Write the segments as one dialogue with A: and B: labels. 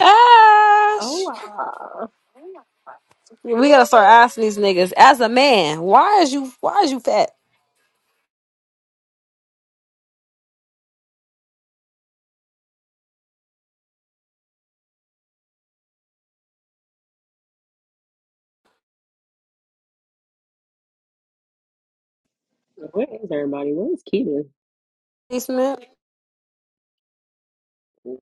A: Ash.
B: Hola.
A: We gotta start asking these niggas as a man, why is you why is you fat?
B: Where is everybody? Where is Keita?
A: Basement
B: Is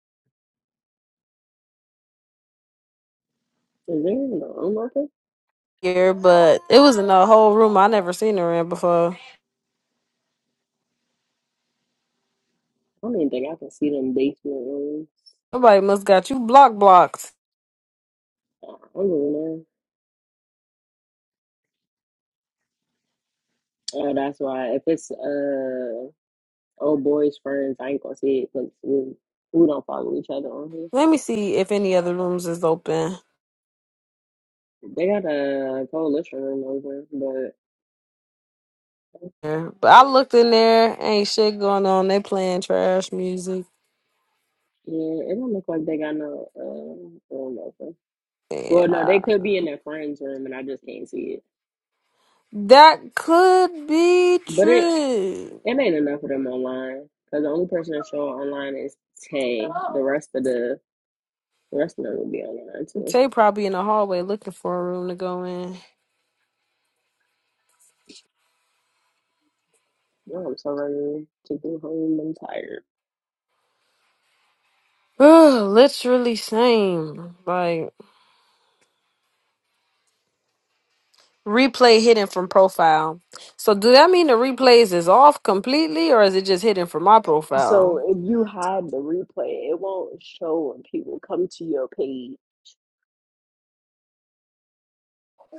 B: there a room open?
A: here, but it was in a whole room I never seen her in before.
B: I don't even think I can see them basement rooms.
A: Nobody must got you block blocked.
B: I don't really know. Uh, that's why if it's uh old boys friends, I ain't gonna see it because we, we don't follow each other on here.
A: Let me see if any other rooms is open.
B: They got a coalition room over, but
A: But I looked in there, ain't shit going on. They playing trash music.
B: yeah, it don't look like they got no uh room open. Well, no,
A: Yeah.
B: they could be in their friends room, and I just can't see it.
A: That could be
B: But it
A: true.
B: It ain't enough of them online because the only person that show online is Tay. The rest of the the rest of them will be online too.
A: Tay probably in the hallway looking for a room to go in.
B: Oh, I'm so ready to go home. I'm tired.
A: Ugh, Literally same. Like replay hidden from profile. So do that mean the replays is off completely or is it just hidden from my
B: So
A: profile?
B: if you hide the replay, it won't show when people come to your page.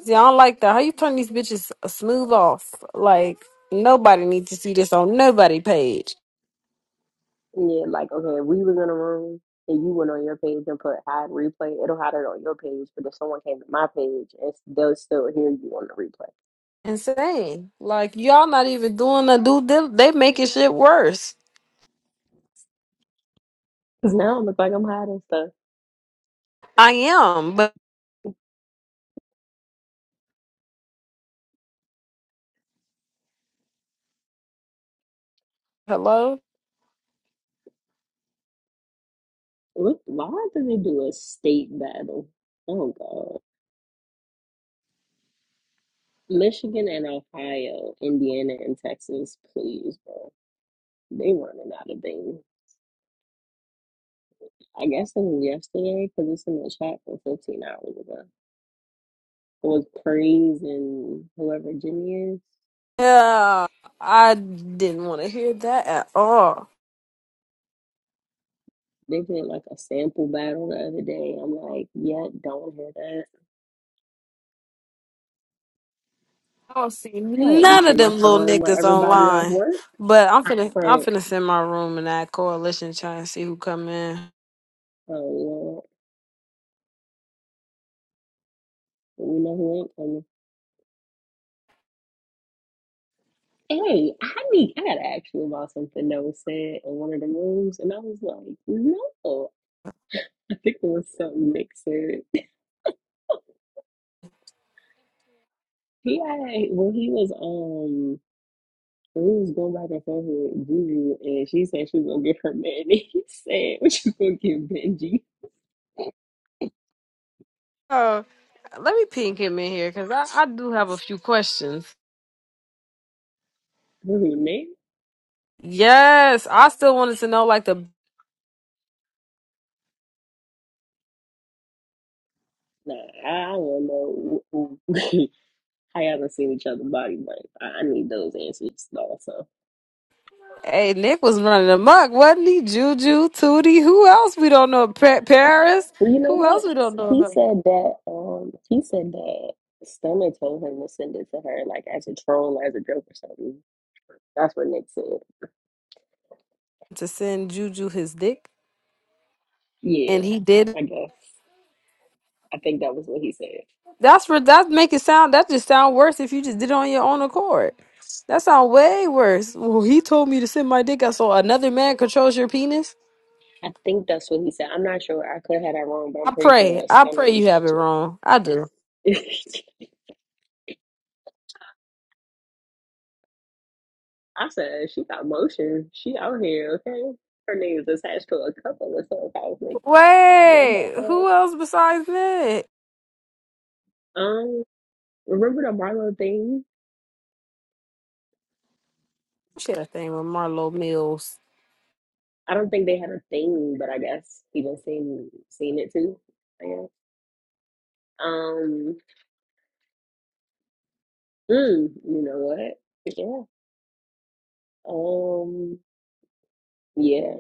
A: See, I don't like that. How you turn these bitches smooth off? Like nobody needs to see this on nobody page.
B: Yeah, like okay, if we was in a room and you went on your page and put hide replay. It'll hide it on your page, but if someone came to my page, and they'll still hear you on the replay.
A: Insane. Like y'all not even doing the due dil- they making shit worse.
B: Cause now it looks like I'm hiding stuff.
A: I am, but hello?
B: Look, why did they do a state battle? Oh God. Michigan and Ohio, Indiana and Texas, please, bro. They running out of things. I guess it was yesterday because it's in the chat from 15 hours ago. It was Praise and whoever Jimmy is.
A: Yeah. I didn't want to hear that at all.
B: They did like a sample battle the other day. I'm like, yeah, don't hear that.
A: I don't see
B: Like, we
A: none of
B: should make
A: them
B: the
A: little
B: room where
A: niggas
B: everybody off
A: online.
B: work.
A: But I'm finna I'm
B: Right.
A: finna send my room in that coalition try and see who come in.
B: Oh, yeah. We know who ain't coming. Hey, I need I gotta ask you about something that was said in one of the rooms, and I was like, no. think it was something Nixon. He had when he was um when he was going back and forth with Juju and she said she was gonna get her man and he said what you gonna give Benji?
A: Oh, let me ping him in here because I, I do have a few questions.
B: Who name?
A: Yes, I still wanted to know like the
B: Nah, I don't know who- who- how y'all done seen each other's body, but I, I need those answers also.
A: hey Nick was running amok, wasn't he? Juju, Tootie, who else we don't know? Pa- Paris,
B: Well you know
A: who
B: what?
A: else we don't know
B: He
A: about?
B: said that um he said that Stunner told him to send it to her like as a troll, as a joke or something. That's what Nick said.
A: To send Juju his dick,
B: Yeah,
A: and he did.
B: I guess. I think that was what he said.
A: That's for that make it sound that just sound worse if you just did it on your own accord. That sound way worse. Well, he told me to send my dick out so another man controls your penis.
B: I think that's what he said. I'm not sure. I could have had that wrong, but I'm
A: I
B: pretty sure
A: pray.
B: his
A: I
B: stomach
A: pray
B: was
A: you have it wrong. I do.
B: mentioned. I said she got motion. She out here, okay? Her name is attached to a couple of stuff I was making. Love that
A: Wait,
B: part.
A: who else besides Nick?
B: Um, remember the Marlo thing?
A: She had a thing with Marlo Mills.
B: I don't think they had a thing, but I guess people seen seen it too. I guess. Um, mm, you know what? Yeah. Um, yeah.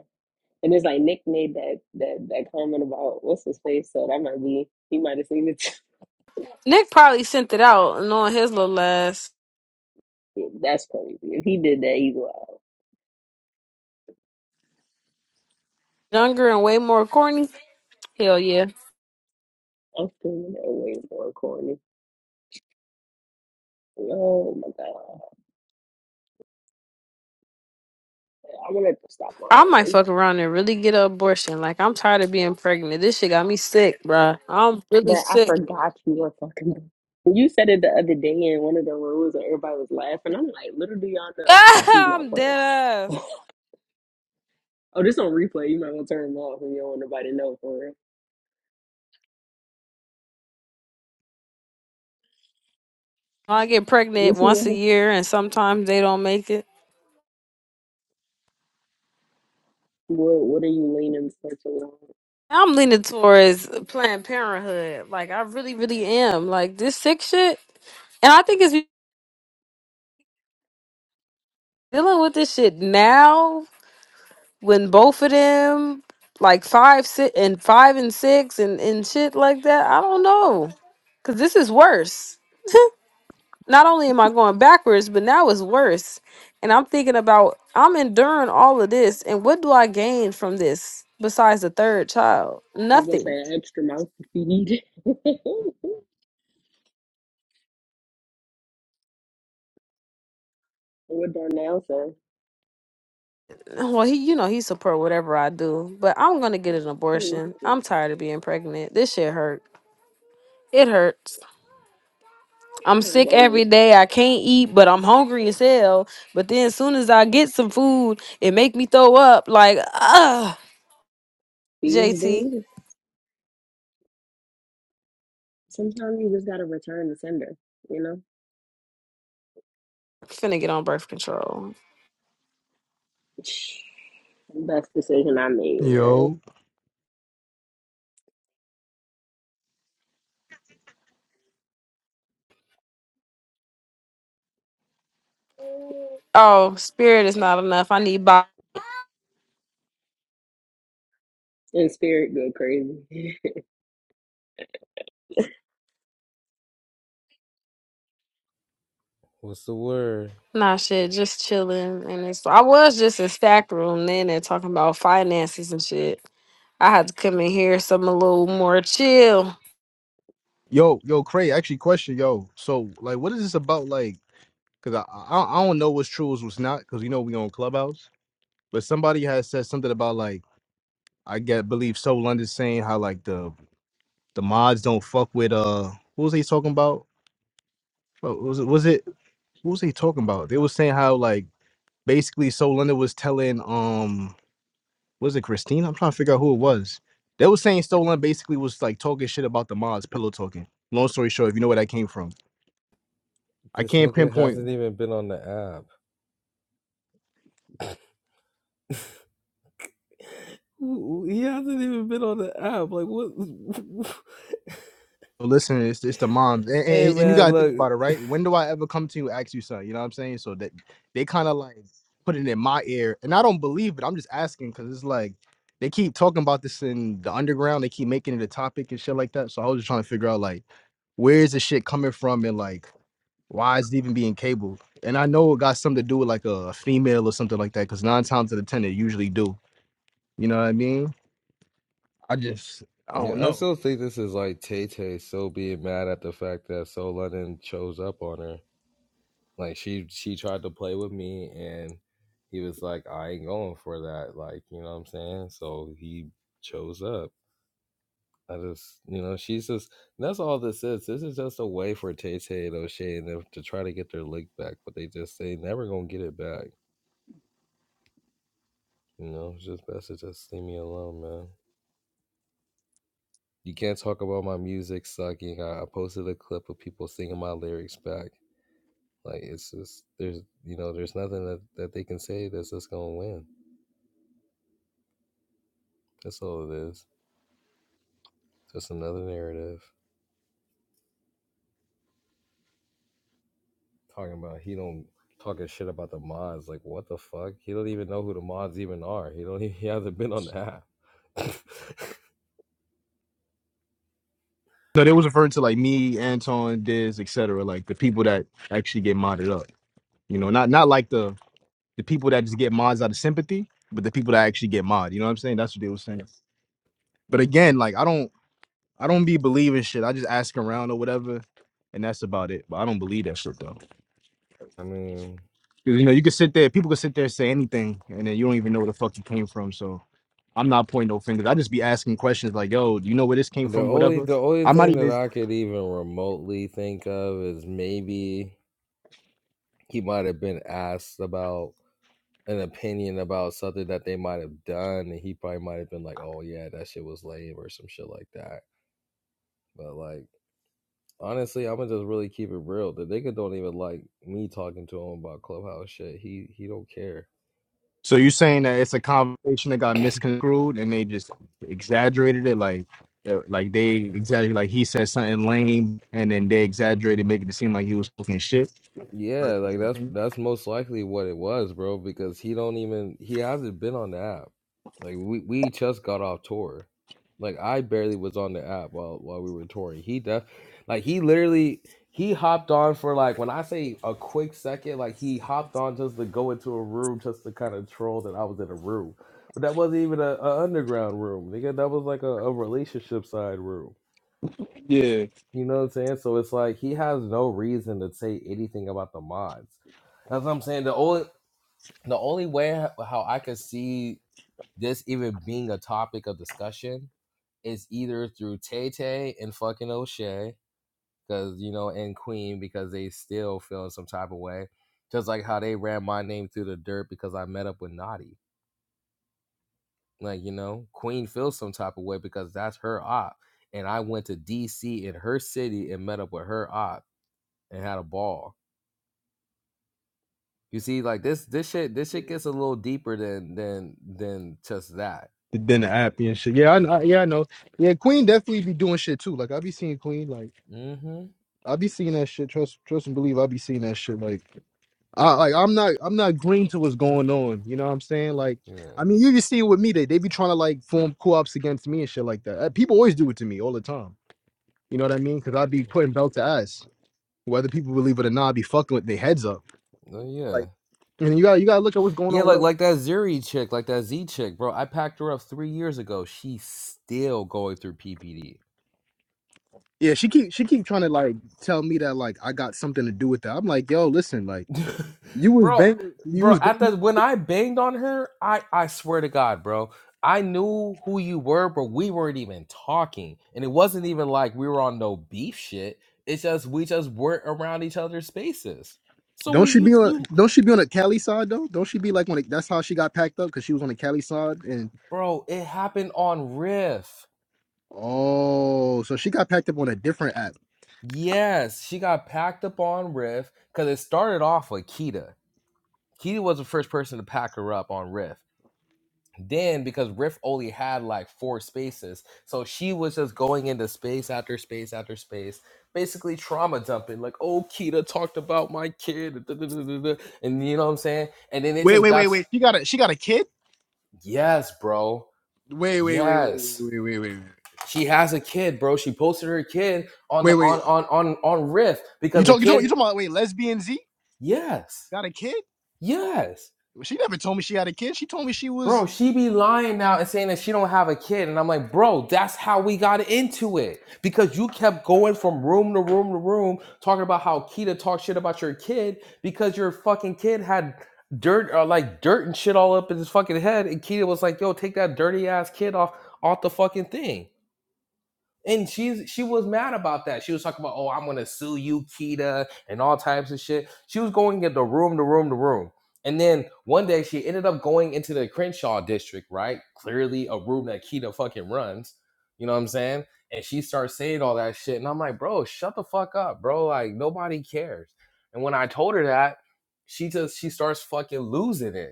B: And it's like Nick made that that that comment about what's his face, so that might be he might have seen it.
A: Nick probably sent it out knowing his little ass.
B: That's crazy. If he did that, he's wild.
A: Younger and way more corny. Hell yeah.
B: I'm feeling that way more corny. Oh my god, I wanted to stop
A: I
B: lying,
A: might
B: and
A: fuck around and really get an abortion. Like I'm tired of being pregnant. This shit got me sick, bruh. I'm really
B: bro, I
A: sick.
B: forgot you were fucking. You said it the other day in one of the rooms, and everybody was laughing. I'm like, little do y'all know, she's not
A: I'm
B: playing.
A: dead ass.
B: oh, this on replay. You might want to turn them off if you don't want nobody to know for real.
A: I get pregnant
B: This
A: once a
B: one,
A: year, and sometimes they don't make it.
B: what what are you leaning such on?
A: I'm leaning towards Planned Parenthood. Like I really, really am. Like this sick shit, and I think it's dealing with this shit now when both of them, like five, six, and five and six, and and shit like that. I don't know, cause this is worse. not only am I going backwards, but now it's worse. And I'm thinking about I'm enduring all of this, and what do I gain from this besides the third child?
B: I was gonna say
A: Nothing.
B: an extra mouth to feed. With Darnell said,
A: Well, he, you know, he support whatever I do, but I'm gonna get an
B: "Hmm,
A: abortion. I'm
B: I
A: tired of being pregnant. This shit hurt. It hurts. I'm
B: don't
A: sick
B: blame you.
A: every day. I can't eat, but I'm hungry as hell. But then, as soon as I get some food, it make me throw up. Like, ah,
B: Feeding
A: JT,
B: dude. Sometimes you just gotta return the sender. You know,
A: finna get on birth control.
B: best decision I made, man.
C: Yo,
A: Oh, spirit is not enough. I need body.
B: And spirit go crazy.
D: What's the word?
A: Nah, shit, just chilling. And it's, I was just in stack room then and talking about finances and shit. I had to come in here, something a little more chill.
C: yo, yo, Cray. Actually, question, yo. So, like, what is this about? Like, cause I, I, I don't know what's true is what's not, cause you know we on Clubhouse. But somebody has said something about like I get believe so London saying how like the the mods don't fuck with uh what was he talking about? What was it? Was it? What was he talking about? They was saying how like basically so London was telling um was it Christina? I'm trying to figure out who it was. They was saying So London basically was like talking shit about the mods, pillow talking. Long story short, if you know where that came from. I
D: This
C: can't
D: nigga
C: pinpoint
D: hasn't even been on the app. He hasn't even been on the app. Like what?
C: listen, it's, it's the moms, and,
D: hey
C: and, and you
D: man,
C: gotta think
D: look.
C: about it, right? When do I ever come to you and ask you something? You know what I'm saying? So that they kind of like put it in my ear, and I don't believe it. I'm just asking because it's like they keep talking about this in the underground. They keep making it a topic and shit like that. So I was just trying to figure out like where is the shit coming from and like why is it even being cabled? And I know it got something to do with like a female or something like that because nine times out of ten they usually do. You know what I mean? I just I don't
D: Yeah, I
C: know.
D: still think this is like Tay Tay still being mad at the fact that So London chose up on her. Like she she tried to play with me and he was like, I ain't going for that. Like, you know what I'm saying? So he chose up. I just, you know, she's just, that's all this is. This is just a way for Tay Tay and O'Shea and them to try to get their lick back, but they just, they never gonna get it back. You know, it's just best to just leave me alone, man. You can't talk about my music sucking. I, I posted a clip of people singing my lyrics back. Like, it's just, there's, you know, there's nothing that, that they can say that's just gonna win. That's all it is. Just another narrative. talking about he don't talking shit about the mods. Like what the fuck? He don't even know who the mods even are. He don't. He hasn't been on the app.
C: No, they was referring to like me, Anton, Diz, etc. Like the people that actually get modded up. You know, not not like the the people that just get mods out of sympathy, but the people that actually get mod. You know what I'm saying? That's what they was saying. But again, like I don't I don't be believing shit. I just ask around or whatever, and that's about it. But I don't believe that shit though.
D: I mean,
C: 'Cause, you know, you can sit there, people can sit there and say anything, and then you don't even know where the fuck you came from. So I'm not pointing no fingers. I just be asking questions like, yo, do you know where this came
D: the
C: from?
D: only
C: Whatever.
D: the only
C: I might
D: thing that
C: even
D: I could even remotely think of is maybe he might have been asked about an opinion about something that they might have done, and he probably might have been like, "Oh yeah, that shit was lame" or some shit like that. But like. Honestly, I'ma just really keep it real. The nigga don't even like me talking to him about clubhouse shit. He he don't care.
C: So you saying that it's a conversation that got misconstrued and they just exaggerated it, like, uh, like they exaggerated, like he said something lame, and then they exaggerated, making it seem like he was talking shit
D: Yeah,
C: versus
D: like
C: an
D: that's
C: opinion.
D: that's most likely what it was, bro, because he don't even he hasn't been on the app. Like we we just got off tour. Like I barely was on the app while while we were touring. He def like he literally he hopped on for like when I say a quick second, like he hopped on just to go into a room just to kind of troll that I was in a room. But that wasn't even a, a underground room, nigga. That was like a, a relationship side room.
C: Yeah.
D: You know what I'm saying? So it's like he has no reason to say anything about the mods. That's what I'm saying. The only the only way ho- how I could see this even being a topic of discussion is either through Tay Tay and fucking O'Shea, because you know, and Queen because they still feeling some type of way, just like how they ran my name through the dirt because I met up with Naughty. Like you know, Queen feels some type of way because that's her op, and I went to D.C. in her city and met up with her op and had a ball You see, like this this shit this shit gets a little deeper than than than just that.
C: Then the app and shit. Yeah, I, I, yeah, I know. Yeah, Queen definitely be doing shit too. Like I be seeing Queen, like
D: Mm-hmm.
C: I be seeing that shit. Trust, trust and believe. I be seeing that shit. Like. I like I'm not I'm not green to what's going on. You know what I'm saying? Like,
D: Yeah.
C: I mean, you just see it with me. They they be trying to like form co-ops against me and shit like that. Uh, People always do it to me all the time. You know what I mean? Because i be putting belt to ass, whether people believe it or not. i be fucking with their heads up.
D: Oh yeah.
C: Like, and you got to you gotta look at what's going
D: Yeah,
C: on with.
D: like
C: her.
D: like that Zuri chick, like that Z chick, bro. I packed her up three years ago. She's still going through PPD.
C: Yeah, she keep she keep trying to like tell me that like I got something to do with that. I'm like, yo, listen, like you was
D: bro,
C: bang, you
D: bro,
C: was
D: at
C: bang.
D: the when I banged on her, I I swear to God, bro. I knew who you were, but we weren't even talking. And it wasn't even like we were on no beef shit. It's just we just weren't around each other's spaces. So
C: Don't
D: we
C: she
D: you
C: be on?
D: you
C: Don't she be on the Cali side though? Don't she be like when it, that's how she got packed up because she was on the Cali side
D: Bro, it happened on Riff.
C: Oh, so she got packed up on a different app.
D: Yes, she got packed up on Riff because it started off with Kita. Kita was the first person to pack her up on Riff. Then, because Riff only had like four spaces, so she was just going into space after space after space, basically trauma dumping. Like, oh, Kita talked about my kid, da, da, da, da, da," and you know what I'm saying. And then it
C: Wait,
D: just
C: wait,
D: got
C: wait, wait. She got a she got a kid?
D: yes, bro,
C: Wait, wait, wait, wait, wait,
D: yes.
C: wait, wait, wait,
D: She has a kid, bro. She posted her kid on
C: wait,
D: the
C: wait.
D: on on on on Riff
C: You
D: because the
C: talk you talk you
D: kid,
C: talking about wait, lesbian Z
D: yes,
C: got a kid?
D: yes,
C: Well, She never told me she had a kid. She told me she
D: bro.
C: was.
D: She be lying now and saying that she don't have a kid, and I'm like, bro, that's how we got into it because you kept going from room to room to room talking about how Kita talked shit about your kid because your fucking kid had dirt or like dirt and shit all up in his fucking head, and Kita was like, yo, take that dirty ass kid off off the fucking thing. And she's she was mad about that. She was talking about, oh, I'm gonna sue you, Kita, and all types of shit. She was going into room to room to room. And then one day she ended up going into the Crenshaw district, right? Clearly a room that Kita fucking runs. You know what I'm saying? And she starts saying all that shit. And I'm like, bro, shut the fuck up, bro. Like nobody cares. And when I told her that, she just she starts fucking losing it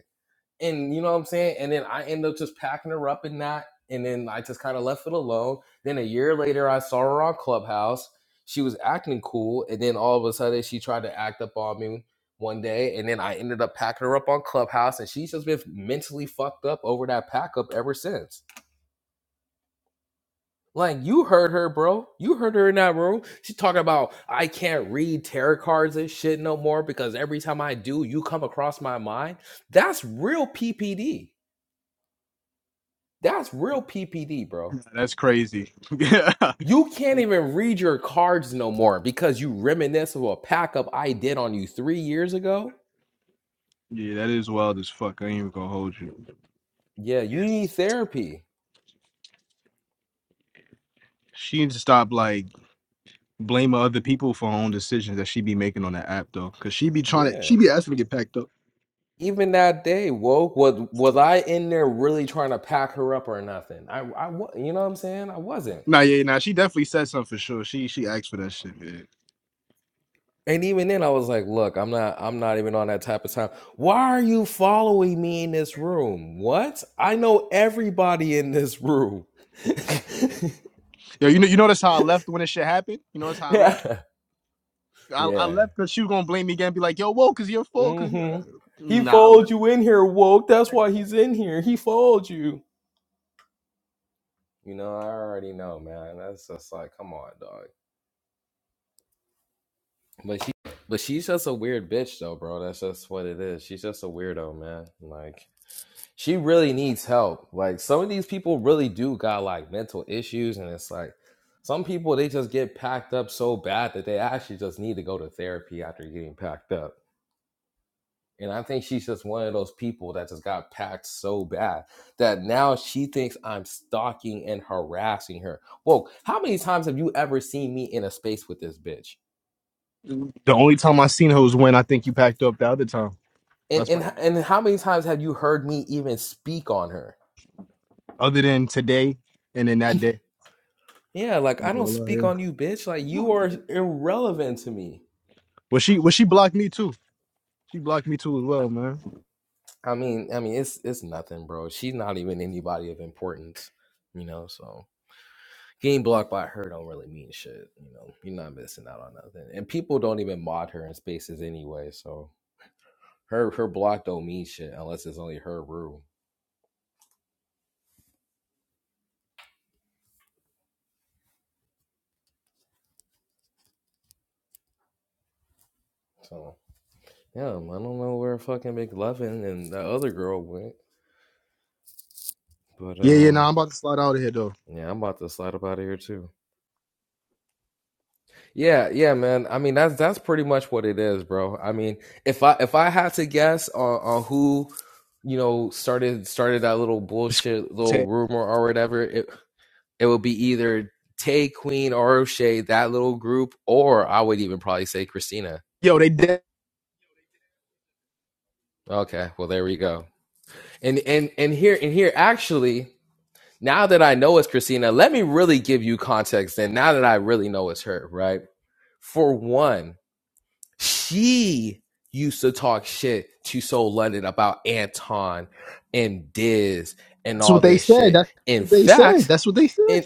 D: and you know what I'm saying? And then I end up just packing her up and not, and then I just kind of left it alone. Then a year later, I saw her on Clubhouse. She was acting cool, and then all of a sudden, she tried to act up on me one day, and then I ended up packing her up on Clubhouse, and she's just been mentally fucked up over that pack up ever since. Like you heard her, bro. You heard her in that room. She talking about I can't read tarot cards and shit no more because every time I do, you come across my mind. That's real PPD That's real PPD, bro.
C: That's crazy. yeah, that
D: You can't even read your cards no more because you reminisce of a pack up I did on you three years ago.
C: is wild as fuck. I ain't even gonna hold you.
D: Yeah, you need therapy.
C: She needs to stop like blaming other people for her own decisions that she be making on that app though, cause she be trying to
D: Yeah.
C: she be asking to get packed up.
D: Even that day, woke was was I in there really trying to pack her up or nothing? I I wa- you know what I'm saying? I wasn't.
C: Nah, yeah, nah. She definitely said something for sure. She she asked for that shit. yeah.
D: And even then, I was like, "Look, I'm not. I'm not even on that type of time. Why are you following me in this room? What? I know everybody in this room.
C: Yo, you know, you notice how I left when this shit happened. You notice how I left.
D: yeah,
C: I, I
D: yeah.
C: left because she was gonna blame me again, and be like, "Yo, whoa, cause you're full." Cause you, uh,
D: hmm He
C: nah, I
D: followed you in here, woke. That's why he's in here. He followed you. You know, I already know, man. That's just like, come on, dog. But she, but she's just a weird bitch, though, bro. That's just what it is. She's just a weirdo, man. Like, she really needs help. Like, some of these people really do got like mental issues, and it's like. Some people they just get packed up so bad that they actually just need to go to therapy after getting packed up. And I think she's just one of those people that just got packed so bad that now she thinks I'm stalking and harassing her. Whoa, how many times have you ever seen me in a space with this bitch?
C: left. The only time I seen her was when I think you packed up the other time.
D: And
C: That's
D: and
C: probably right.
D: and how many times have you heard me even speak on her?
C: Other than today and then that day.
D: Yeah, like
C: Like,
D: I
C: oh,
D: don't speak
C: Lord,
D: on you, bitch. Like
C: yeah.
D: you are irrelevant to me.
C: Well, she well she blocked me too. She blocked me too as well, man.
D: I mean, I mean, it's it's nothing, bro. She's not even anybody of importance, you know. So getting blocked by her don't really mean shit. You know, you're not missing out on nothing. And people don't even mod her in spaces anyway, so her her block don't mean shit unless it's only her room. So yeah, I don't know where fucking McLovin and the other girl went, but
C: Yeah, yeah.
D: um.
C: Nah, I'm about to slide out of here though.
D: Yeah, I'm about to slide up out of here too. Yeah, yeah, man. I mean, that's that's pretty much what it is, bro. I mean, if I if I had to guess on, on who you know started started that little bullshit little
C: It's-
D: rumor or whatever it. it would be either Tay, Queen, or O'Shea, that little group, or I would even probably say Christina.
C: Yo, they did.
D: Okay, well there we go. And and and here and here actually, now that I know it's Christina, let me really give you context. And now that I really know it's her, right? For one, she used to talk shit to Soul London about Anton and Diz and
C: That's
D: all
C: what they
D: this
C: said.
D: shit.
C: That's
D: In
C: what they said.
D: fact,
C: That's what they said.
D: in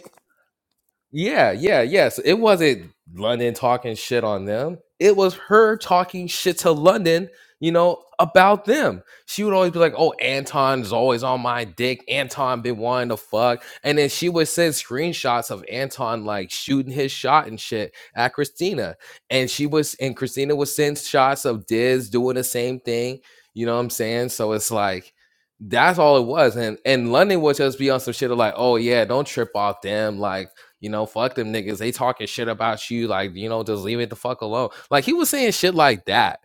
D: Yeah, yeah, yes. It wasn't London talking shit on them. It was her talking shit to London, you know, about them. She would always be like, "Oh, Anton's always on my dick. Anton been wanting to fuck." And then she would send screenshots of Anton like shooting his shot and shit at Christina. And she was and Christina would send shots of Diz doing the same thing, you know what I'm saying? So it's like that's all it was. And and London would just be on some shit of like, "Oh yeah, don't trip off them." Like you know, fuck them niggas. They talking shit about you. Like, you know, just leave it the fuck alone. Like he was saying shit like that.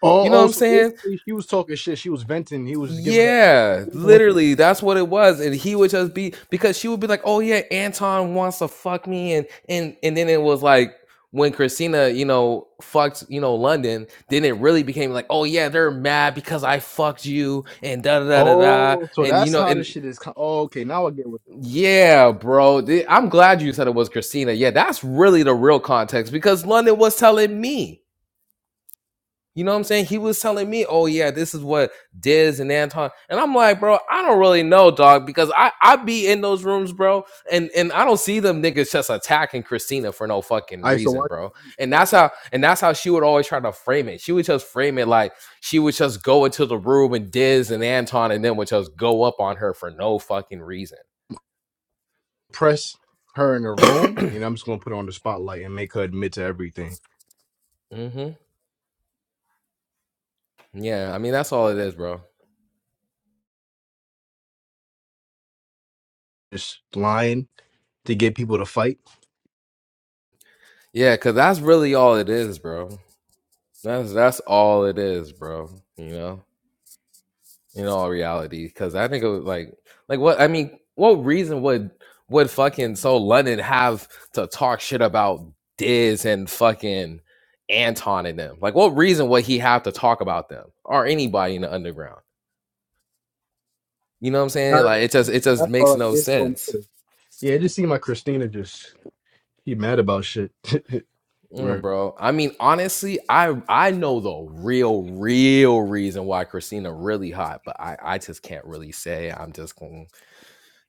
C: Oh,
D: You know what
C: oh,
D: I'm
C: so
D: saying?
C: basically she was talking shit. She was venting. He was giving her advice,
D: Yeah,
C: believing what she was
D: literally,
C: saying.
D: that's what it was. And he would just be because she would be like, "Oh yeah, Anton wants to fuck me," and and and then it was like when Christina, you know, fucked, you know, London. Then it really became like, "Oh yeah, they're mad because I fucked you," and da da da da da.
C: Oh, so
D: And you
C: that's
D: know,
C: how
D: and
C: this shit is. co- Oh, okay, now I get what's going on.
D: Yeah, bro. Th- I'm glad you said it was Christina. Yeah, that's really the real context because London was telling me. You know what I'm saying? He was telling me, "Oh yeah, this is what Diz and Anton." And I'm like, "Bro, I don't really know, dog, because I I be in those rooms, bro, and and I don't see them niggas just attacking Christina for no fucking
C: All right, so
D: reason,
C: I just
D: bro. And that's how and that's how she would always try to frame it. She would just frame it like she would just go into the room and Diz and Anton and then would just go up on her for no fucking reason.
C: press her in the room, and I'm just gonna put her on the spotlight and make her admit to everything.
D: Mm-hmm. Yeah, I mean that's all it is, bro.
C: Just lying to get people to fight.
D: Yeah, cause that's really all it is, bro. That's that's all it is, bro. You know, in all reality, cause I think it was like, like what? I mean, what reason would would fucking so London have to talk shit about Diz and fucking Anton and them? Like, what reason would he have to talk about them or anybody in the underground? You know what I'm
C: You
D: saying?
C: know,
D: Like,
C: that's
D: it
C: what
D: just
C: I'm
D: it
C: saying.
D: just
C: That's all
D: makes
C: like
D: no
C: this no
D: sense.
C: motive. Yeah, it just seemed like Christina just he mad about shit.
D: Mm,
C: right.
D: bro. I mean, honestly, I I know the real, real reason why Christina really hot, but I I just can't really say. I'm just going,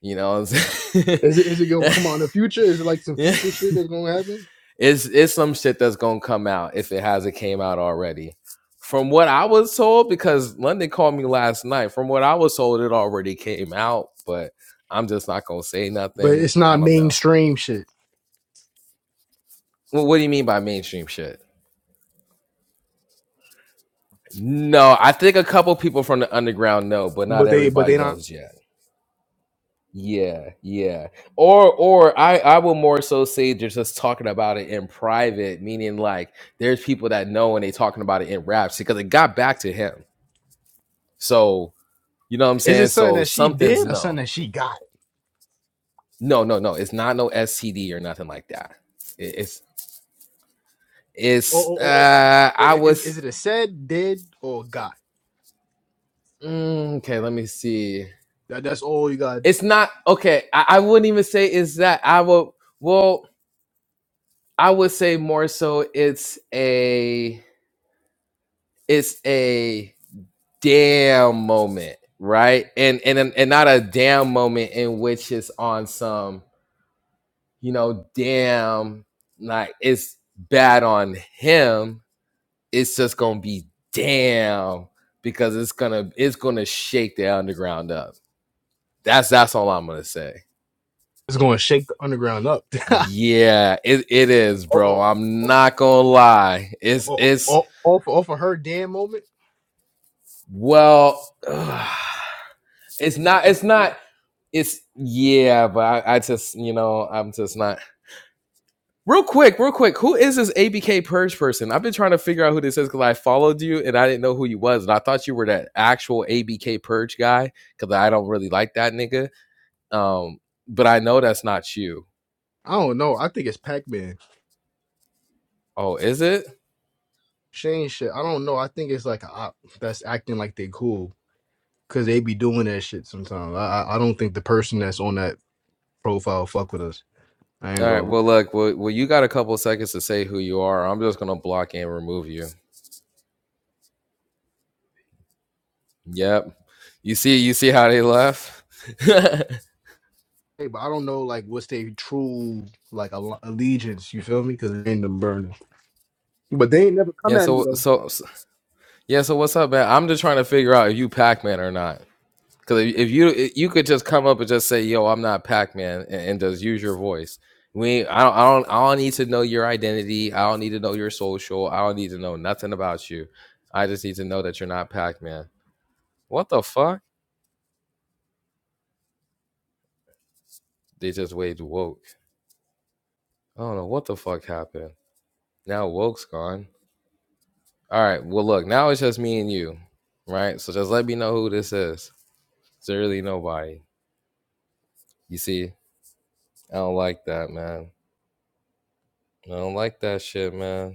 D: you know. What I'm saying?
C: Is it is it gonna come out in the future? Is it like some future
D: it's
C: shit that's gonna happen?
D: it's some shit that's gonna come out if it hasn't came out already. From what I was told, because London called me last night. From what I was told, it already came out, but I'm just not gonna say
C: But
D: nothing.
C: it's
D: I
C: not
D: don't know.
C: mainstream shit.
D: Wh- what do you mean by mainstream shit? No, I think a couple people from the underground know, but not
C: But they, but
D: everybody
C: they not.
D: knows yet. Yeah, yeah. Or or I I will more so say they're just talking about it in private, meaning like there's people that know and they talking about it in raps because it got back to him. So you know what I'm
C: Is it
D: saying?
C: something
D: So
C: that she
D: something's
C: did or something
D: no.
C: that she got?
D: No, no, no. It's not no STD or nothing like that. It- It's
C: Or,
D: it's
C: or, or, or-
D: uh
C: i-
D: I
C: i- is is
D: was
C: it a said, did, or got?
D: mm, okay, let me see.
C: That that's all you got.
D: It's not okay. I, I wouldn't even say it's that. I will well I would say more so it's a it's a damn moment, right? And and and not a damn moment in which it's on some, you know, damn like it's bad on him. It's just gonna be damn because it's gonna it's gonna shake the underground up. That's that's all I'm gonna say.
C: It's gonna shake the underground up.
D: Yeah, it, it is, bro.
C: or,
D: I'm
C: or,
D: not gonna lie. It's
C: or,
D: it's
C: or, or for, or for her damn moment.
D: well. Ugh. It's not. It's not. It's yeah, but I, I just you know I'm just not. Real quick, real quick. Who is this ABK purge person? I've been trying to figure out who this is because I followed you and I didn't know who you was, and I thought you were that actual ABK purge guy because I don't really like that nigga. Um, but I know that's not you.
C: I don't know. I think it's Pac Man.
D: Oh, is it?
C: Shane shit. I don't know. I think it's like a op that's acting like they cool because they be doing that shit sometimes. I I I don't think the person that's on that profile fuck with us. I
D: All
C: ain't
D: right.
C: gonna. lie.
D: Well, look. Well, well you got a couple of seconds to say who you are. I'm just gonna block and remove you. Yep. You see. You see how they left.
C: Hey, but I don't know like what's their true like al- allegiance. You feel me? Because it ain't them burning. But they ain't never come
D: yeah.
C: at me
D: So
C: though.
D: so Yeah, so what's up, man? I'm just trying to figure out if you Pac-Man or not. Because if, if you if you could just come up and just say, "Yo, I'm not Pac-Man," and, and just use your voice. We, I don't, I don't, I don't need to know your identity. I don't need to know your social. I don't need to know nothing about you. I just need to know that you're not Pac-Man. What the fuck? They just waged woke. I don't know what the fuck happened. Now woke's gone. All right. Well, look, now it's just me and you, right? So just let me know who this is. It's really nobody. You see, I don't like that, man. I don't like that shit, man.